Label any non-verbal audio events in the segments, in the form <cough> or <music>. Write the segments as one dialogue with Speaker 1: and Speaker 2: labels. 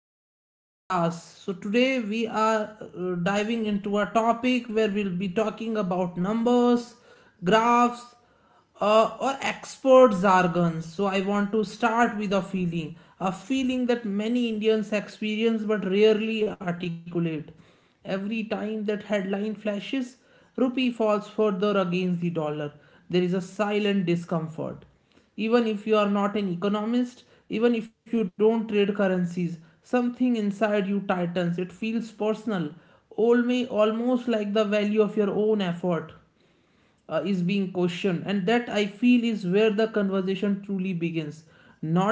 Speaker 1: to this podcast. So, today we are diving into a topic where we'll be talking about numbers, graphs, or expert jargons. So, I want to start with a feeling that many Indians experience but rarely articulate. Every time that headline flashes, rupee falls further against the dollar. There is a silent discomfort even if you are not an economist, even if you don't trade currencies, something inside you tightens. It feels personal, almost like the value of your own effort is being questioned, and that I feel is where the conversation truly begins,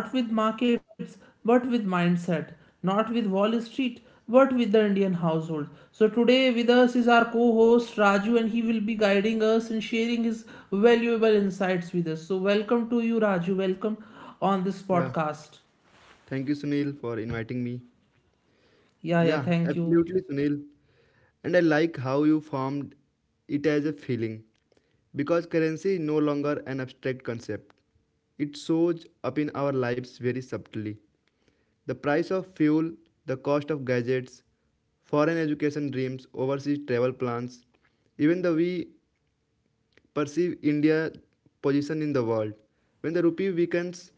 Speaker 1: not with markets but with mindset, not with Wall Street but with the Indian household. So today with us is our co-host Raju, and he will be guiding us and sharing his valuable insights with us. So welcome to you, Raju. Welcome on this
Speaker 2: Yeah,
Speaker 1: podcast.
Speaker 2: thank you, Sunil, for inviting me.
Speaker 1: Yeah,
Speaker 2: Yeah,
Speaker 1: thank you.
Speaker 2: absolutely, Sunil. And I like how you formed it as a feeling because currency is no longer an abstract concept. It shows up in our lives very subtly. The price of fuel, the cost of gadgets, foreign education dreams, overseas travel plans, even the way perceive India's position in the world. When the rupee weakens,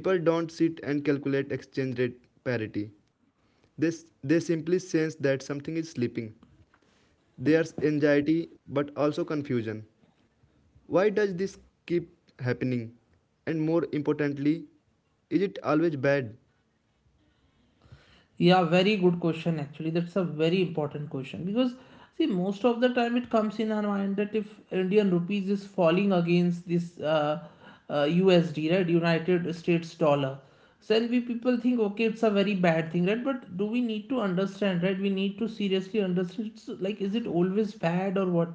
Speaker 2: people don't sit and calculate exchange rate parity. They, they simply sense that something is slipping. There's anxiety but also confusion. Why does this keep happening? And more importantly, is it always bad?
Speaker 1: Yeah, very good question actually. That's a very important question, because see, most of the time it comes in our mind that if Indian rupees is falling against this USD, right, United States dollar, so then we people think okay, it's a very bad thing, right? But do we need to understand, right? We need to seriously understand. It's like, is it always bad or what?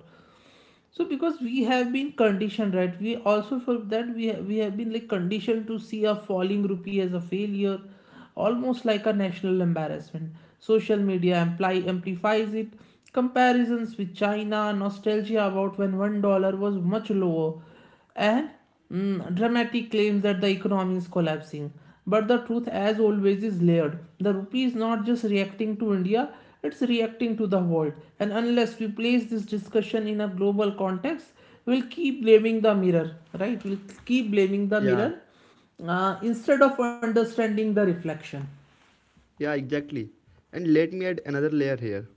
Speaker 1: So because we have been conditioned, right, we also for that we have been like conditioned to see a falling rupee as a failure, almost like a national embarrassment. Social media amplifies it, comparisons with China, nostalgia about when $1 was much lower, and dramatic claims that the economy is collapsing. But the truth, as always, is layered. The rupee is not just reacting to India, it's reacting to the world. And unless we place this discussion in a global context, we'll keep blaming the mirror, right? We'll keep blaming the
Speaker 2: Yeah.
Speaker 1: mirror instead of understanding the reflection.
Speaker 2: Yeah, exactly. And let me add another layer here.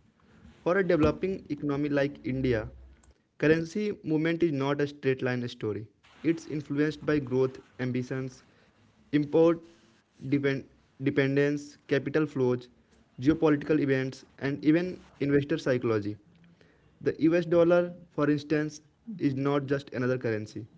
Speaker 2: For a developing economy like India, currency movement is not a straight line story. It's influenced by growth ambitions, import dependence, capital flows, geopolitical events, and even investor psychology. The US dollar, for instance, is not just another currency,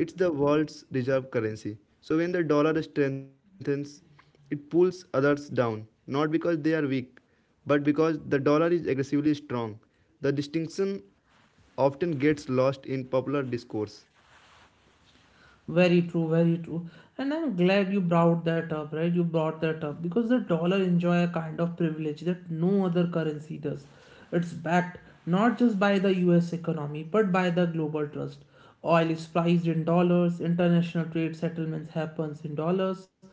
Speaker 2: it's the world's reserve currency. So when the dollar strengthens, it pulls others down, not because they are weak, but because the dollar is aggressively strong. The distinction often gets lost in popular discourse.
Speaker 1: Very true, very true. And I'm glad you brought that up, right? You brought that up because the dollar enjoy a kind of privilege that no other currency does. It's backed not just by the US economy but by the global trust. Oil is priced in dollars, international trade settlements happens in dollars,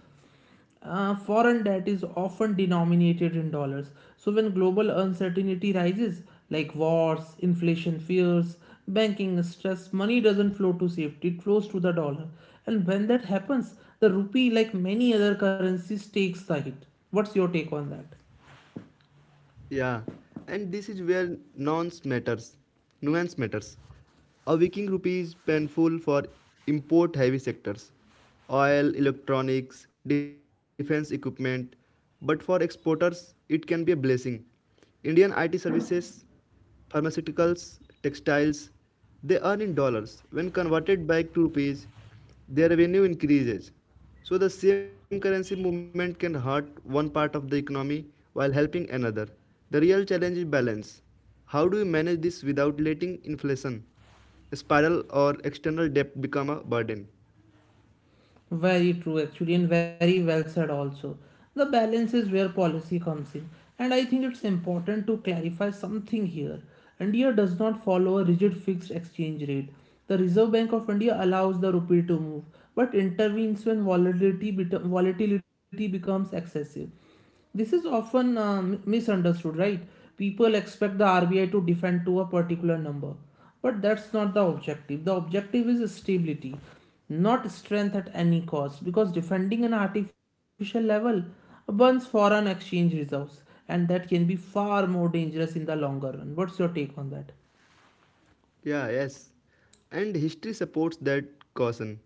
Speaker 1: foreign debt is often denominated in dollars. So, when global uncertainty rises, like wars, inflation fears, banking stress, money doesn't flow to safety, it flows to the dollar. And when that happens, the rupee, like many other currencies, takes the hit. What's your take on that?
Speaker 2: Yeah, and this is where nuance matters. Nuance matters. A weakening rupee is painful for import-heavy sectors, oil, electronics, defense equipment, but for exporters, it can be a blessing. Indian IT services, pharmaceuticals, textiles, they earn in dollars. When converted back to rupees, their revenue increases. So the same currency movement can hurt one part of the economy while helping another. The real challenge is balance. How do we manage this without letting inflation spiral or external debt become a burden?
Speaker 1: Very true, actually, and very well said also. The balance is where policy comes in, and I think it's important to clarify something here. India does not follow a rigid fixed exchange rate. The Reserve Bank of India allows the rupee to move, but intervenes when volatility becomes excessive. This is often misunderstood, right? People expect the RBI to defend to a particular number, but that's not the objective. The objective is stability, not strength at any cost, because defending an artificial level burns foreign exchange reserves, and that can be far more dangerous in the longer run. What's your take on that?
Speaker 2: Yeah, yes. And history supports that caution.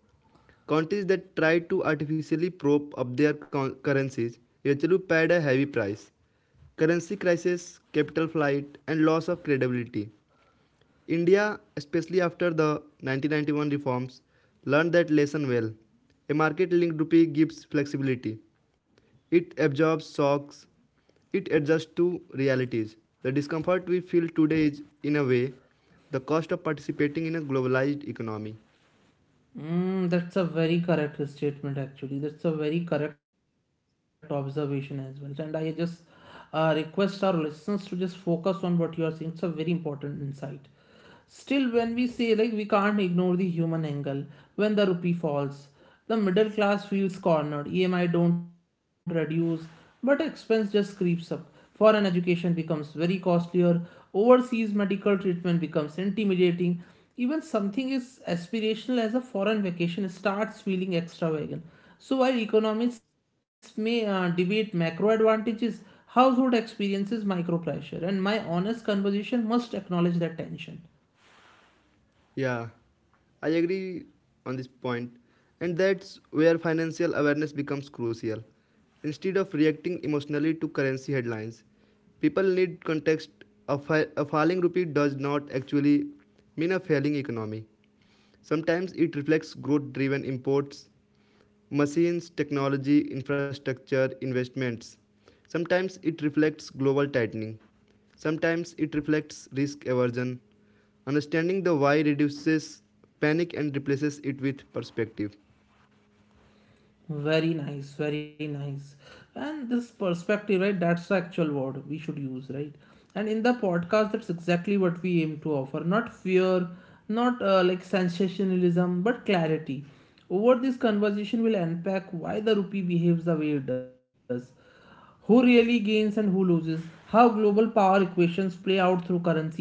Speaker 2: Countries that tried to artificially prop up their currencies eventually paid a heavy price. Currency crisis, capital flight, and loss of credibility. India, especially after the 1991 reforms, learned that lesson well. A market linked rupee gives flexibility. It absorbs shocks. It adjusts to realities. The discomfort we feel today is, in a way, the cost of participating in a globalized economy.
Speaker 1: Mm, that's a very correct statement, actually. That's a very correct observation as well. And I just request our listeners to just focus on what you are saying. It's a very important insight. Still, when we say like we can't ignore the human angle, when the rupee falls, the middle class feels cornered. EMI don't reduce, but expense just creeps up. Foreign education becomes very costlier. Overseas medical treatment becomes intimidating. Even something as aspirational as a foreign vacation starts feeling extravagant. So while economists may debate macro advantages, household experiences micro pressure, and my honest conversation must acknowledge that tension.
Speaker 2: Yeah, I agree on this point, and that's where financial awareness becomes crucial. Instead of reacting emotionally to currency headlines, people need context. A falling rupee does not actually mean a failing economy. Sometimes it reflects growth driven imports. Machines, technology, infrastructure, investments. Sometimes it reflects global tightening. Sometimes it reflects risk aversion. Understanding the why reduces panic and replaces it with perspective.
Speaker 1: Very nice, very nice. And this perspective, right? That's the actual word we should use, right? And in the podcast, that's exactly what we aim to offer, not fear, not like sensationalism, but clarity. Over this conversation, we'll unpack why the rupee behaves the way it does, who really gains and who loses, how global power equations play out through currencies,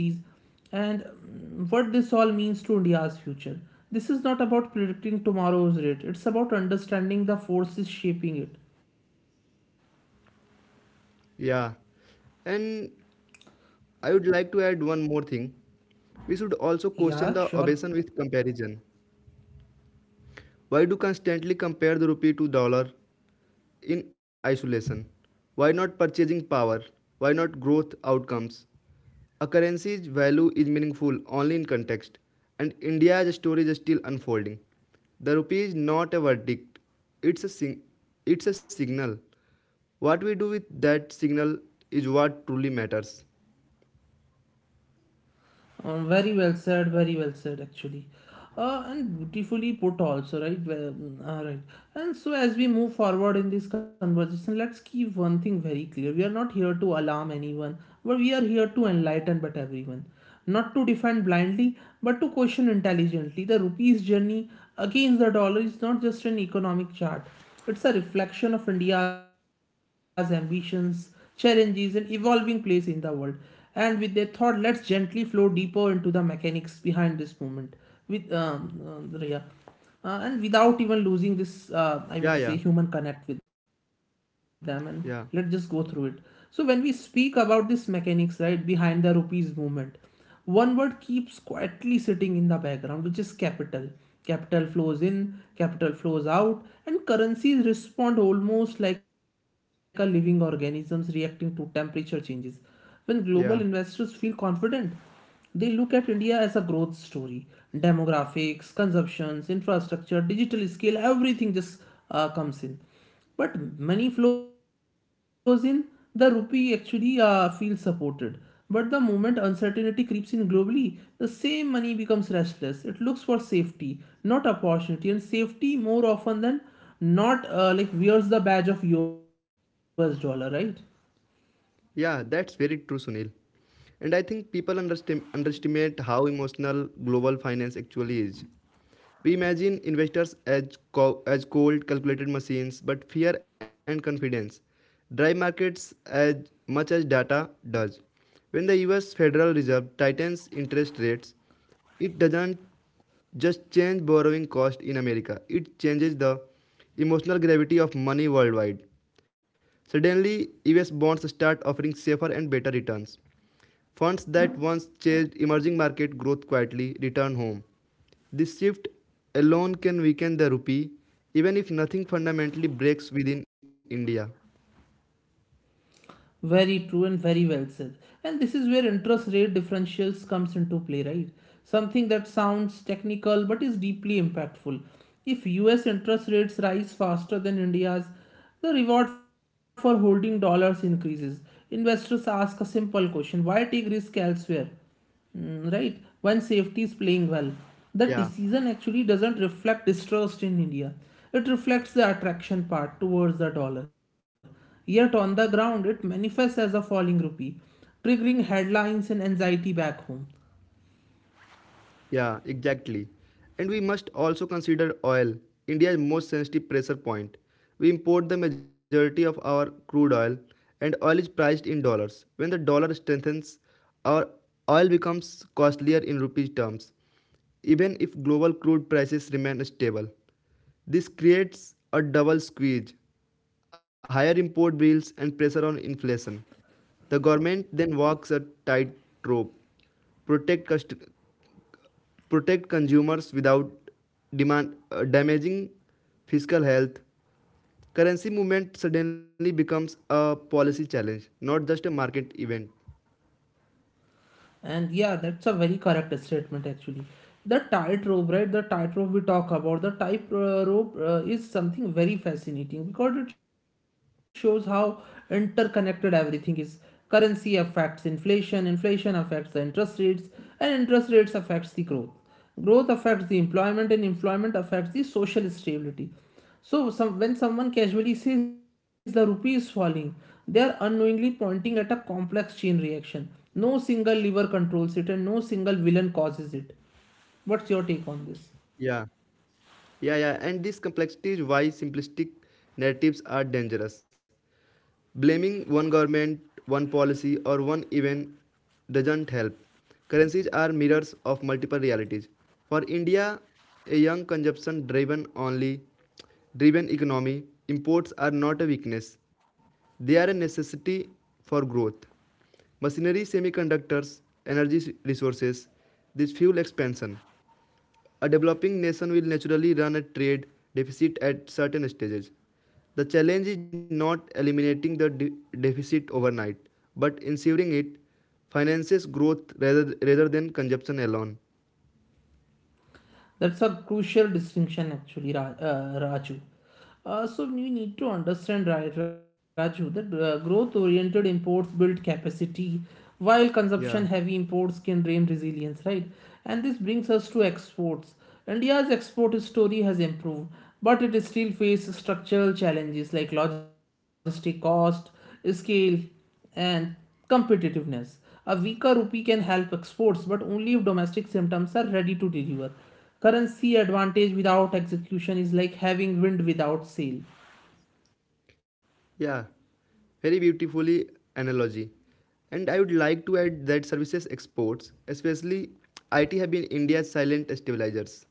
Speaker 1: and what this all means to India's future. This is not about predicting tomorrow's rate, it's about understanding the forces shaping it.
Speaker 2: Yeah. And I would like to add one more thing. We should also
Speaker 1: Yeah,
Speaker 2: question
Speaker 1: sure.
Speaker 2: the obsession with comparison. Why do constantly compare the rupee to dollar in isolation? Why not purchasing power? Why not growth outcomes? A currency's value is meaningful only in context, and India's story is still unfolding. The rupee is not a verdict, it's a, sing- it's a signal. What we do with that signal is what truly matters.
Speaker 1: Very well said, very well said actually. And beautifully put also, right? Well, all right. And so as we move forward in this conversation, let's keep one thing very clear. We are not here to alarm anyone, but we are here to enlighten but everyone, not to defend blindly but to question intelligently. The rupee's journey against the dollar is not just an economic chart, it's a reflection of India's ambitions, challenges, and evolving place in the world. And with that thought, let's gently flow deeper into the mechanics behind this movement with Riya, and without even losing this I
Speaker 2: Yeah,
Speaker 1: would say
Speaker 2: yeah,
Speaker 1: human connect with them. And let's just go
Speaker 2: yeah,
Speaker 1: through it. So when we speak about this mechanics, right, behind the rupees movement, one word keeps quietly sitting in the background, which is capital. Capital flows in, capital flows out, and currencies respond almost like a living organisms reacting to temperature changes. When global investors
Speaker 2: yeah,
Speaker 1: feel confident, they look at India as a growth story. Demographics, consumptions, infrastructure, digital scale, everything just comes in. But money flows in, the rupee actually feels supported. But the moment uncertainty creeps in globally, the same money becomes restless. It looks for safety, not opportunity. And safety, more often than not, like wears the badge of US dollar, right?
Speaker 2: yeah, that's very true, Sunil. And I think people underestimate how emotional global finance actually is. We imagine investors as cold, calculated machines, but fear and confidence drive markets as much as data does. When the US Federal Reserve tightens interest rates, it doesn't just change borrowing cost in America, it changes the emotional gravity of money worldwide. Suddenly, US bonds start offering safer and better returns. Funds that once chased emerging market growth quietly return home. This shift alone can weaken the rupee, even if nothing fundamentally breaks within India.
Speaker 1: Very true and very well said. And this is where interest rate differentials comes into play, right? Something that sounds technical but is deeply impactful. If US interest rates rise faster than India's, the reward for holding dollars increases. Investors ask a simple question, why take risk elsewhere? Mm, right, when safety is playing well, the
Speaker 2: Yeah.
Speaker 1: decision actually doesn't reflect distrust in India. It reflects the attraction part towards the dollar, yet on the ground it manifests as a falling rupee, triggering headlines and anxiety back home.
Speaker 2: Yeah, exactly. And we must also consider oil, India's most sensitive pressure point. We import the majority of our crude oil, and oil is priced in dollars. When the dollar strengthens, our oil becomes costlier in rupees terms, even if global crude prices remain stable. This creates a double squeeze, higher import bills, and pressure on inflation. The government then walks a tightrope, protect protect consumers without damaging fiscal health. Currency movement suddenly becomes a policy challenge, not just a market event.
Speaker 1: And yeah, that's a very correct statement actually. The tightrope, right? The tightrope we talk about, the tightrope is something very fascinating because it shows how interconnected everything is. Currency affects inflation, inflation affects the interest rates, and interest rates affects the growth, growth affects the employment, and employment affects the social stability. So some when someone casually says the rupee is falling, they are unknowingly pointing at a complex chain reaction. No single lever controls it and no single villain causes it. What's your take on this?
Speaker 2: Yeah, yeah, yeah. And this complexity is why simplistic narratives are dangerous. Blaming one government, one policy, or one event doesn't help. Currencies are mirrors of multiple realities. For India, a young consumption driven only driven economy, imports are not a weakness. They are a necessity for growth. Machinery, semiconductors, energy resources, this fuel expansion. A developing nation will naturally run a trade deficit at certain stages. The challenge is not eliminating the deficit overnight, but ensuring it finances growth rather than consumption alone.
Speaker 1: That's a crucial distinction, actually, Raju. So we need to understand, right, Raju, that growth-oriented imports build capacity, while consumption-heavy
Speaker 2: Yeah,
Speaker 1: imports can drain resilience, right? And this brings us to exports. India's export story has improved, but it still faces structural challenges like logistic cost, scale, and competitiveness. A weaker rupee can help exports, but only if domestic symptoms are ready to deliver. Currency advantage without execution is like having wind without sail.
Speaker 2: yeah, very beautifully analogy. And I would like to add that services exports, especially IT, have been India's silent stabilizers.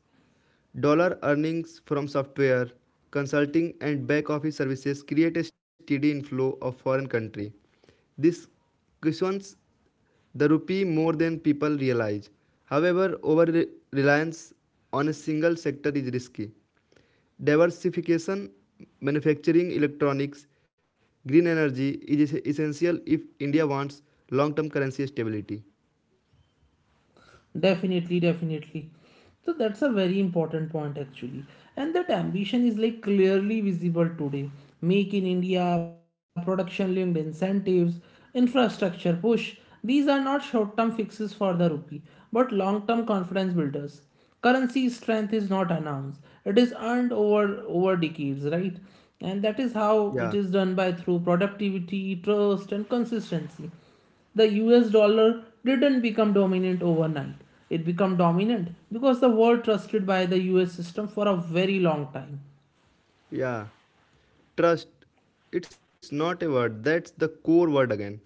Speaker 2: Dollar earnings from software, consulting and back office services create a steady inflow of foreign country. This cushions the rupee more than people realize. However, over reliance on a single sector is risky. Diversification, manufacturing, electronics, green energy is essential if India wants long term currency stability.
Speaker 1: Definitely, definitely. So that's a very important point actually. And that ambition is like clearly visible today. Make in India, production linked incentives, infrastructure push. These are not short term fixes for the rupee, but long term confidence builders. Currency strength is not announced. It is earned over decades, right? And that is how it is
Speaker 2: Yeah,
Speaker 1: done, by through productivity, trust, and consistency. The US dollar didn't become dominant overnight. It became dominant because the world trusted by the US system for a very long time.
Speaker 2: yeah. Trust, it's not a word, that's the core word again.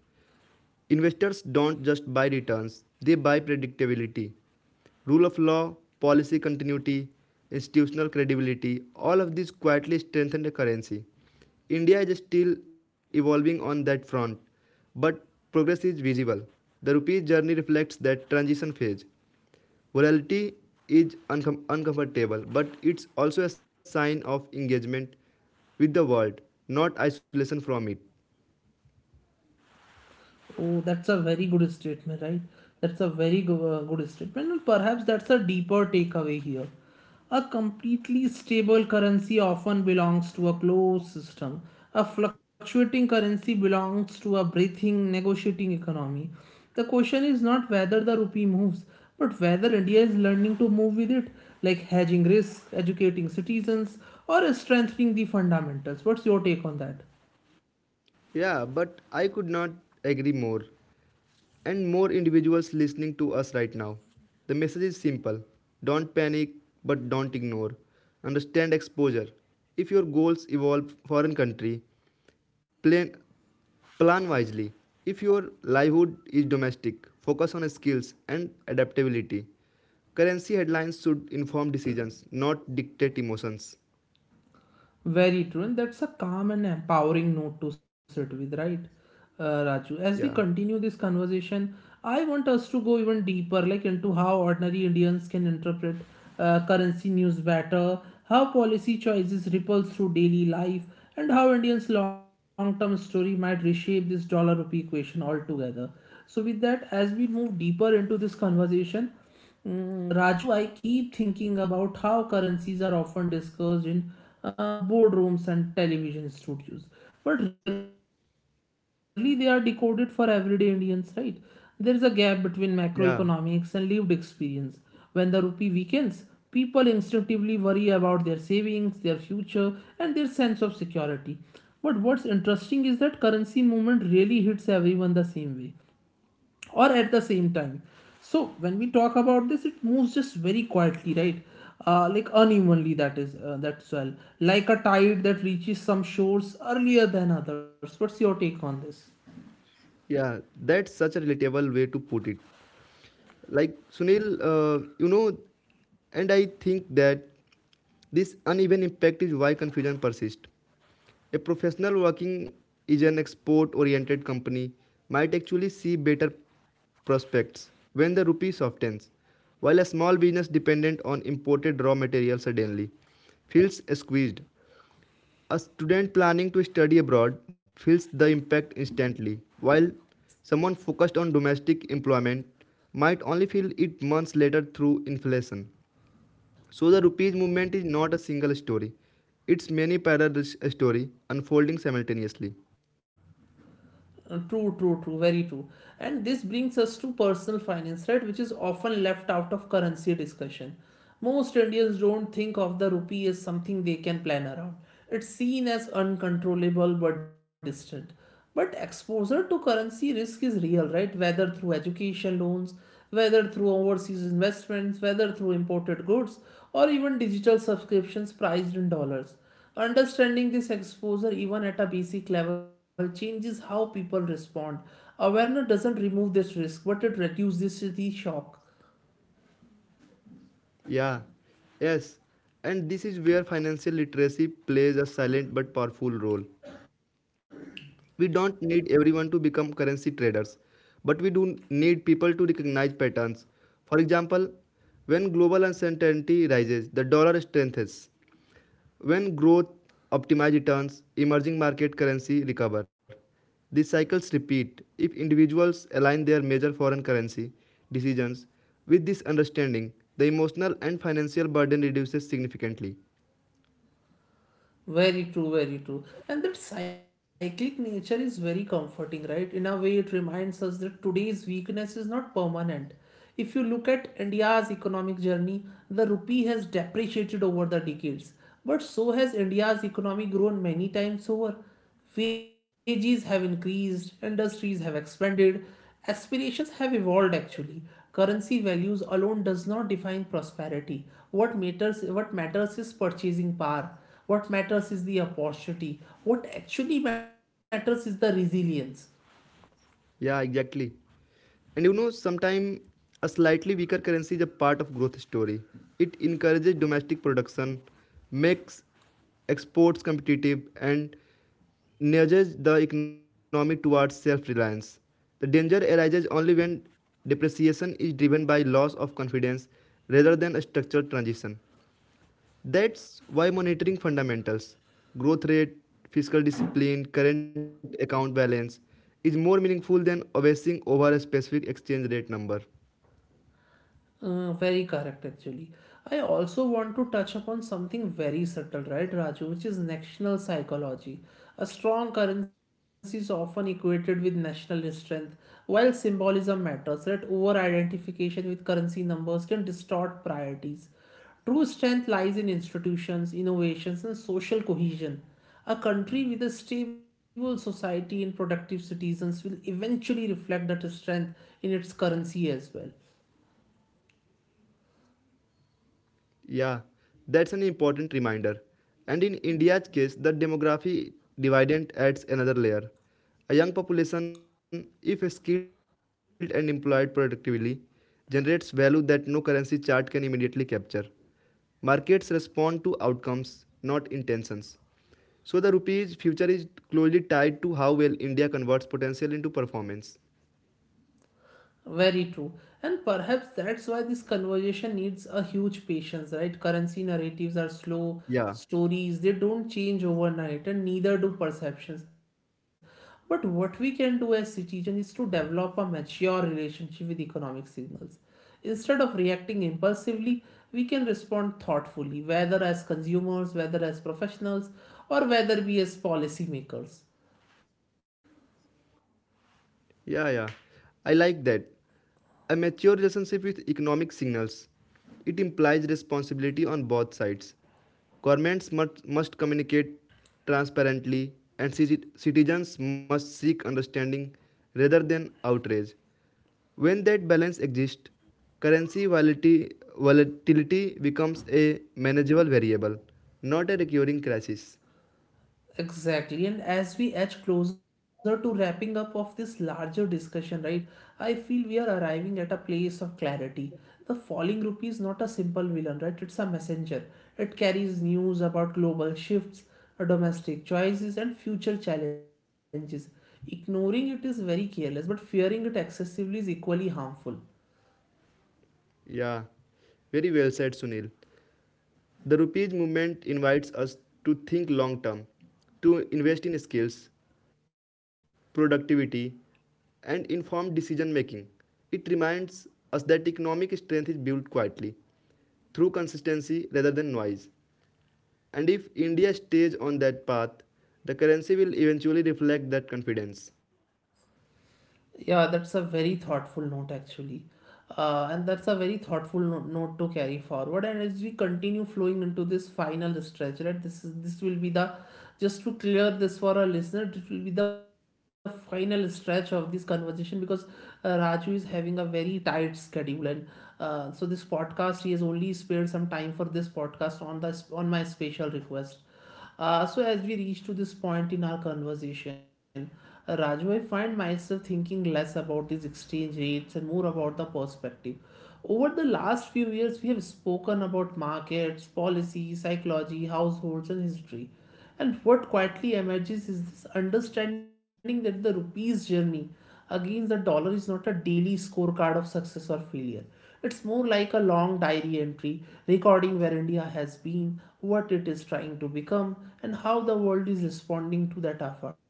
Speaker 2: Investors don't just buy returns, they buy predictability. Rule of law, policy continuity, institutional credibility, all of these quietly strengthen the currency. India is still evolving on that front, but progress is visible. The rupee's journey reflects that transition phase. Volatility is uncomfortable, but it's also a sign of engagement with the world, not isolation from it.
Speaker 1: Oh, that's a very good statement, right? That's a very good statement, and perhaps that's a deeper takeaway here. A completely stable currency often belongs to a closed system. A fluctuating currency belongs to a breathing, negotiating economy. The question is not whether the rupee moves, but whether India is learning to move with it, like hedging risk, educating citizens, or strengthening the fundamentals. What's your take on that?
Speaker 2: Yeah, but I could not agree more. And more individuals listening to us right now. The message is simple, don't panic, but don't ignore. Understand exposure. If your goals involve foreign country, plan, plan wisely. If your livelihood is domestic, focus on skills and adaptability. Currency headlines should inform decisions, not dictate emotions.
Speaker 1: Very true, and that's a calm and empowering note to sit with, right, Raju? As we
Speaker 2: Yeah,
Speaker 1: continue this conversation, I want us to go even deeper, like into how ordinary Indians can interpret currency news better, how policy choices ripple through daily life, and how Indians' long-term story might reshape this dollar-rupee equation altogether. So, with that, as we move deeper into this conversation, Raju, I keep thinking about how currencies are often discussed in boardrooms and television studios, but rarely they are decoded for everyday Indians, right? There is a gap between macroeconomics and lived
Speaker 2: yeah,
Speaker 1: experience. When the rupee weakens, people instinctively worry about their savings, their future, and their sense of security. But what's interesting is that currency movement really hits everyone the same way or at the same time. So when we talk about this, it moves just very quietly, right? Like unevenly, that is, that's well like a tide that reaches some shores earlier than others. What's your take on this?
Speaker 2: yeah. That's such a relatable way to put it. Like Sunil, and I think that this uneven impact is why confusion persists. A professional working is an export-oriented company might actually see better prospects when the rupee softens, while a small business dependent on imported raw material suddenly feels squeezed. A student planning to study abroad feels the impact instantly, while someone focused on domestic employment might only feel it months later through inflation. So the rupees movement is not a single story. It's many parallel stories unfolding simultaneously.
Speaker 1: True, true, true, very true. And this brings us to personal finance, right, which is often left out of currency discussion. Most Indians don't think of the rupee as something they can plan around. It's seen as uncontrollable but distant. But exposure to currency risk is real, right? Whether through education loans, whether through overseas investments, whether through imported goods, or even digital subscriptions priced in dollars. Understanding this exposure, even at a basic level, changes how people respond. Awareness doesn't remove this risk, but it reduces the shock.
Speaker 2: Yeah. Yes. And this is where financial literacy plays a silent but powerful role. We don't need everyone to become currency traders, but we do need people to recognize patterns. For example, when global uncertainty rises, the dollar strengthens. When growth optimizes returns, emerging market currency recover. These cycles repeat if individuals align their major foreign currency decisions with this understanding, the emotional and financial burden reduces significantly.
Speaker 1: Very true, very true. And that cyclic nature is very comforting, right? In a way, it reminds us that today's weakness is not permanent. If you look at India's economic journey, the rupee has depreciated over the decades, but so has India's economy grown many times over. Wages have increased, industries have expanded, aspirations have evolved actually. Currency values alone does not define prosperity. What matters is purchasing power. What matters is the opportunity. What actually matters is the resilience.
Speaker 2: Yeah, exactly. And you know, sometimes a slightly weaker currency is a part of growth story. It encourages domestic production, makes exports competitive, and nudges the economy towards self-reliance. The danger arises only when depreciation is driven by loss of confidence rather than a structural transition. That's why monitoring fundamentals, growth rate, fiscal discipline, current account balance, is more meaningful than obsessing over a specific exchange rate number.
Speaker 1: Very correct, actually. I also want to touch upon something very subtle, right, Raju, which is national psychology. A strong currency is often equated with national strength. While symbolism matters, right, over identification with currency numbers can distort priorities. True strength lies in institutions, innovations, and social cohesion. A country with a stable society and productive citizens will eventually reflect that strength in its currency as well.
Speaker 2: Yeah, that's an important reminder. And in India's case, the demography dividend adds another layer. A young population, if skilled and employed productively, generates value that no currency chart can immediately capture. Markets respond to outcomes, not intentions. So the rupee's future is closely tied to how well India converts potential into performance.
Speaker 1: Very true. And perhaps that's why this conversation needs a huge patience, right? Currency narratives are slow
Speaker 2: Yeah.
Speaker 1: stories, they don't change overnight, and neither do perceptions. But what we can do as citizens is to develop a mature relationship with economic signals. Instead of reacting impulsively, we can respond thoughtfully, whether as consumers, whether as professionals, or whether we as policymakers.
Speaker 2: Yeah, yeah. I like that. A mature relationship with economic signals. It implies responsibility on both sides. Governments must communicate transparently, and citizens must seek understanding rather than outrage. When that balance exists, currency volatility becomes a manageable variable, not a recurring crisis.
Speaker 1: Exactly, and as we edge closer to wrapping up of this larger discussion, right, I feel we are arriving at a place of clarity. The falling rupee is not a simple villain, right? It's a messenger. It carries news about global shifts, domestic choices, and future challenges. Ignoring it is very careless, but fearing it excessively is equally harmful.
Speaker 2: Yeah, very well said, Sunil. The rupees movement invites us to think long term, to invest in skills, productivity, and informed decision making. It reminds us that economic strength is built quietly, through consistency rather than noise. And if India stays on that path, the currency will eventually reflect that confidence.
Speaker 1: Yeah, that's a very thoughtful note actually. And that's a very thoughtful note to carry forward. And as we continue flowing into this final stretch, right? This is this will be the Just to clear this for our listener, this will be the final stretch of this conversation because Raju is having a very tight schedule, and so this podcast, he has only spared some time for this podcast on the on my special request. So as we reach to this point in our conversation, Raju, I find myself thinking less about these exchange rates and more about the perspective. Over the last few years, we have spoken about markets, policy, psychology, households, and history. And what quietly emerges is this understanding that the rupee's journey against the dollar is not a daily scorecard of success or failure. It's more like a long diary entry recording where India has been, what it is trying to become, and how the world is responding to that effort.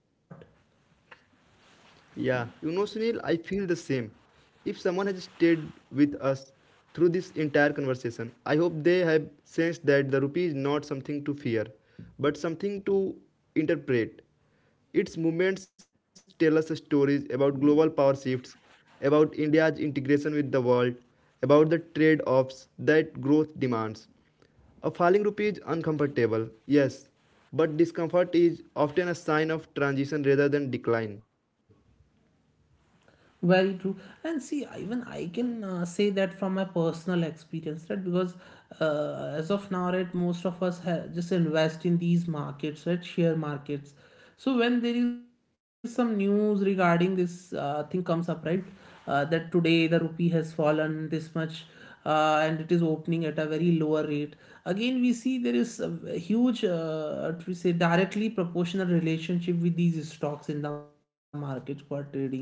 Speaker 2: Yeah, you know, Sunil, I feel the same. If someone has stayed with us through this entire conversation, I hope they have sensed that the rupee is not something to fear, but something to interpret. Its movements tell us stories about global power shifts, about India's integration with the world, about the trade offs that growth demands. A falling rupee is uncomfortable, yes, but discomfort is often a sign of transition rather than decline.
Speaker 1: Very true. And see, even I can say that from my personal experience, right? Because as of now, right, most of us just invest in these markets, right? Share markets. So when there is some news regarding this thing comes up, right? That today the rupee has fallen this much and it is opening at a very lower rate. Again, we see there is a huge, what we say, directly proportional relationship with these stocks in the markets who are trading,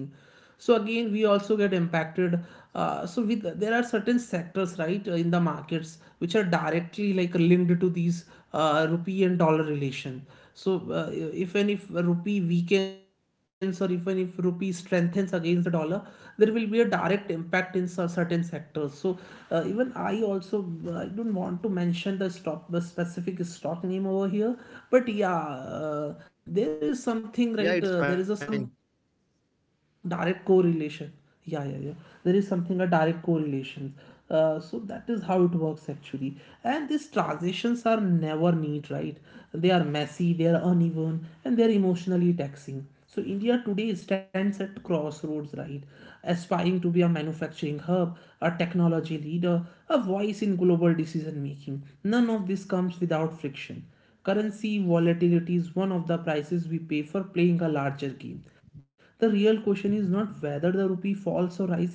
Speaker 1: so again we also get impacted. So with there are certain sectors, right, in the markets which are directly like linked to these rupee and dollar relation. So if and if rupee weakens or even if rupee strengthens against the dollar, there will be a direct impact in certain sectors. So even I also, I don't want to mention the stock the specific stock name over here, but yeah, uh, there is something,
Speaker 2: Yeah,
Speaker 1: right?
Speaker 2: it's
Speaker 1: There
Speaker 2: fine.
Speaker 1: is a some direct correlation. Yeah, yeah, yeah, there is something, a direct correlation. So that is how it works actually. And these transitions are never neat, right? They are messy, they are uneven, and they are emotionally taxing. So India today stands at crossroads, right? Aspiring to be a manufacturing hub, a technology leader, a voice in global decision making. None of this comes without friction. Currency volatility is one of the prices we pay for playing a larger game. The real question is not whether the rupee falls or rises,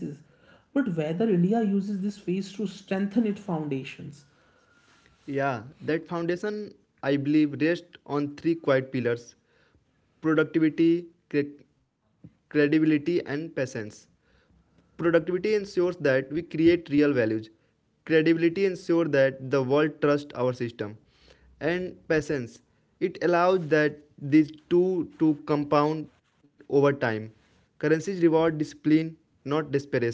Speaker 1: but whether India uses this phase to strengthen its foundations.
Speaker 2: Yeah, that foundation, I believe, rests on three quiet pillars, productivity, credibility, and patience. Productivity ensures that we create real values. Credibility ensures that the world trusts our system. And patience, it allows that these two to compound over time. Currencies reward discipline, not desperation.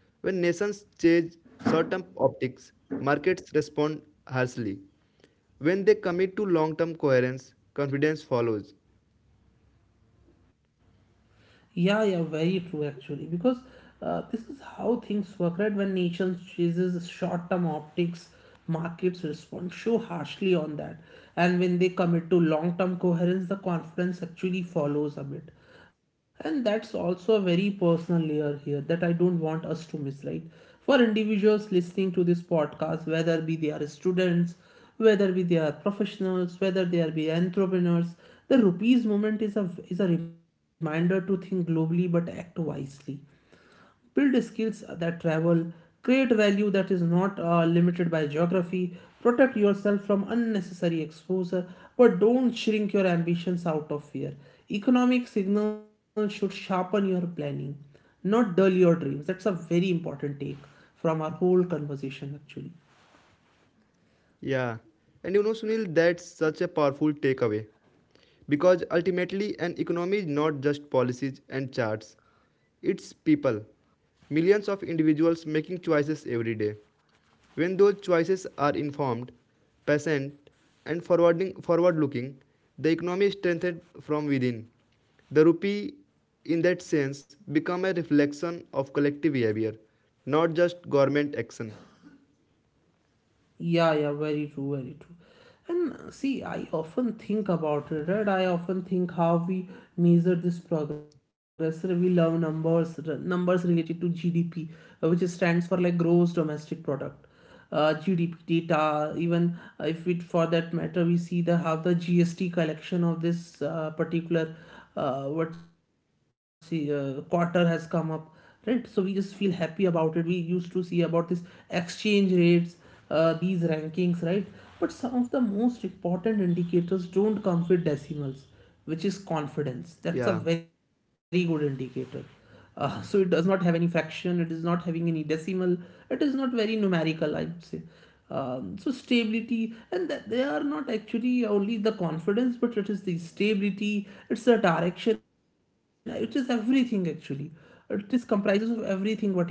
Speaker 2: When nations chase short-term optics, markets respond harshly. When they commit to long-term coherence, confidence follows.
Speaker 1: Yeah, yeah, very true actually, because this is how things work, right? When nations chases short-term optics, markets respond so harshly on that, and when they commit to long-term coherence, the confidence actually follows a bit, and that's also a very personal layer here that I don't want us to miss, right? For individuals listening to this podcast, whether be they are students, whether be they are professionals, whether they are be entrepreneurs. The rupees movement is a reminder to think globally but act wisely, build skills that travel, create value that is not limited by geography, protect yourself from unnecessary exposure, but don't shrink your ambitions out of fear. Economic signals should sharpen your planning, not dull your dreams. That's a very important take from our whole conversation, actually.
Speaker 2: Yeah. And you know, Sunil, that's such a powerful takeaway. Because ultimately, an economy is not just policies and charts, it's people. Millions of individuals making choices every day. When those choices are informed, patient, and forward-looking, the economy is strengthened from within. The rupee, in that sense, become a reflection of collective behavior, not just government action.
Speaker 1: Yeah, yeah, very true, very true. And see, I often think about it, right? I often think how we measure this progress. We love numbers, numbers related to GDP, which stands for like gross domestic product. GDP data, even if it for that matter, we see the how the GST collection of this particular what's the quarter has come up, right? So we just feel happy about it. We used to see about this exchange rates, these rankings, right? But some of the most important indicators don't come with decimals, which is confidence.
Speaker 2: Yeah.
Speaker 1: That's a very good indicator. <laughs> So it does not have any fraction, it is not having any decimal, it is not very numerical, I would say. So stability and they are not actually only the confidence, but it is the stability, it's the direction, it is everything actually. It is comprises of everything what you can take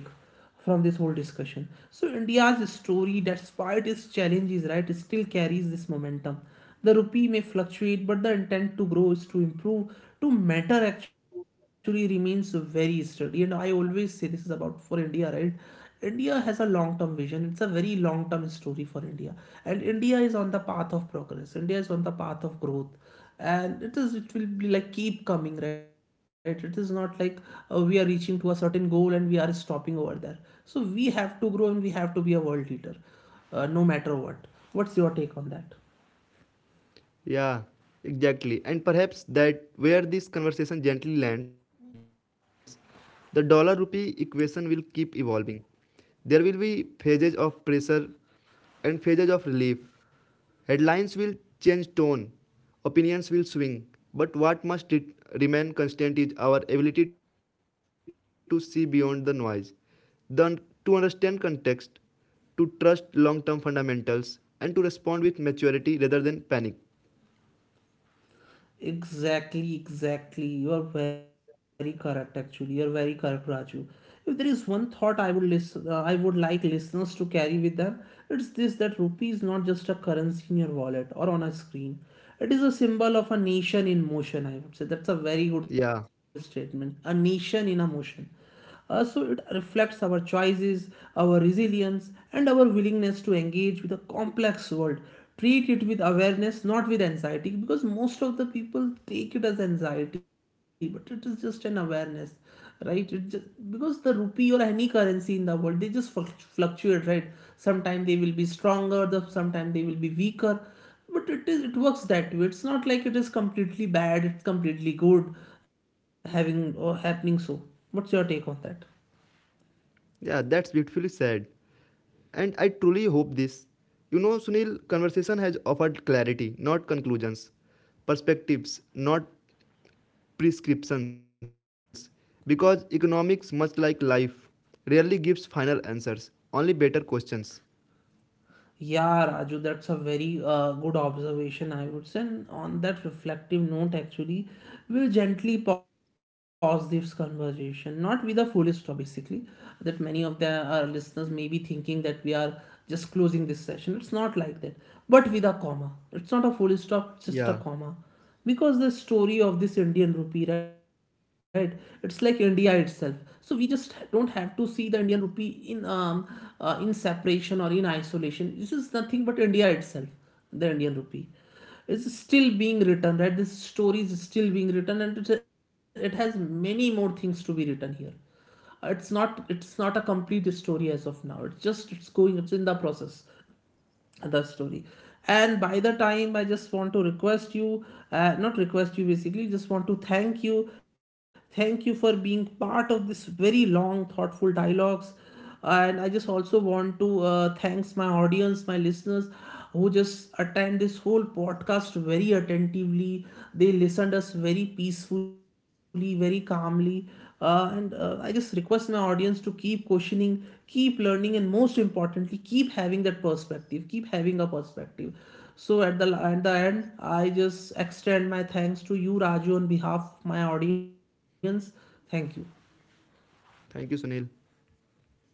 Speaker 1: from this whole discussion. So India's story, despite its challenges, right, still carries this momentum. The rupee may fluctuate, but the intent to grow is to improve. To matter actually remains very sturdy. And I always say this is about for India, right? India has a long term vision. It's a very long term story for India. And India is on the path of progress. India is on the path of growth, and it will be like keep coming, right? It is not like we are reaching to a certain goal and we are stopping over there. So we have to grow and we have to be a world leader, no matter what. What's your take on that?
Speaker 2: Yeah, exactly. And perhaps that where this conversation gently lands, the dollar rupee equation will keep evolving. There will be phases of pressure and phases of relief. Headlines will change tone, opinions will swing, but what must it remain constant is our ability to see beyond the noise, the to understand context, to trust long term fundamentals, and to respond with maturity rather than panic.
Speaker 1: Exactly, exactly. You are very correct. Actually, you are very correct, Raju. If there is one thought I would I would like listeners to carry with them, it's this: that rupee is not just a currency in your wallet or on a screen. It is a symbol of a nation in motion. I would say that's a very good statement. A nation in a
Speaker 2: Yeah.
Speaker 1: motion. So it reflects our choices, our resilience, and our willingness to engage with a complex world. Treat it with awareness, not with anxiety, because most of the people take it as anxiety, but it is just an awareness, right? It just, because the rupee or any currency in the world, they just fluctuate, right? Sometimes they will be stronger, sometimes they will be weaker, but it is, it works that way. It's not like it is completely bad, it's completely good having or happening. So what's your take on that?
Speaker 2: Yeah, that's beautifully said. And I truly hope this. You know, Sunil, conversation has offered clarity, not conclusions, perspectives, not prescriptions. Because economics, much like life, rarely gives final answers, only better questions.
Speaker 1: Yeah, Raju, that's a very good observation, I would say. And on that reflective note actually, we'll gently pause this conversation, not with a full stop basically, that many of the our listeners may be thinking that we are just closing this session, it's not like that, but with a comma. It's not a full stop, it's just a comma, because
Speaker 2: Yeah.
Speaker 1: the story of this Indian rupee, right, it's like India itself. So we just don't have to see the Indian rupee in um in separation or in isolation. This is nothing but India itself. The Indian rupee is still being written, right? This story is still being written, and it has many more things to be written here. It's not a complete story as of now, it's just it's going, it's in the process, the story. And by the time, I just want to request you, not request you basically just want to thank you. Thank you for being part of this very long thoughtful dialogues. And I just also want to thanks my audience, my listeners, who just attend this whole podcast very attentively. They listened us very peacefully, very calmly. And I just request my audience to keep questioning, keep learning, and most importantly, keep having that perspective, keep having a perspective. So at the end, I just extend my thanks to you, Raju, on behalf of my audience. Thank you.
Speaker 2: Thank you, Sunil.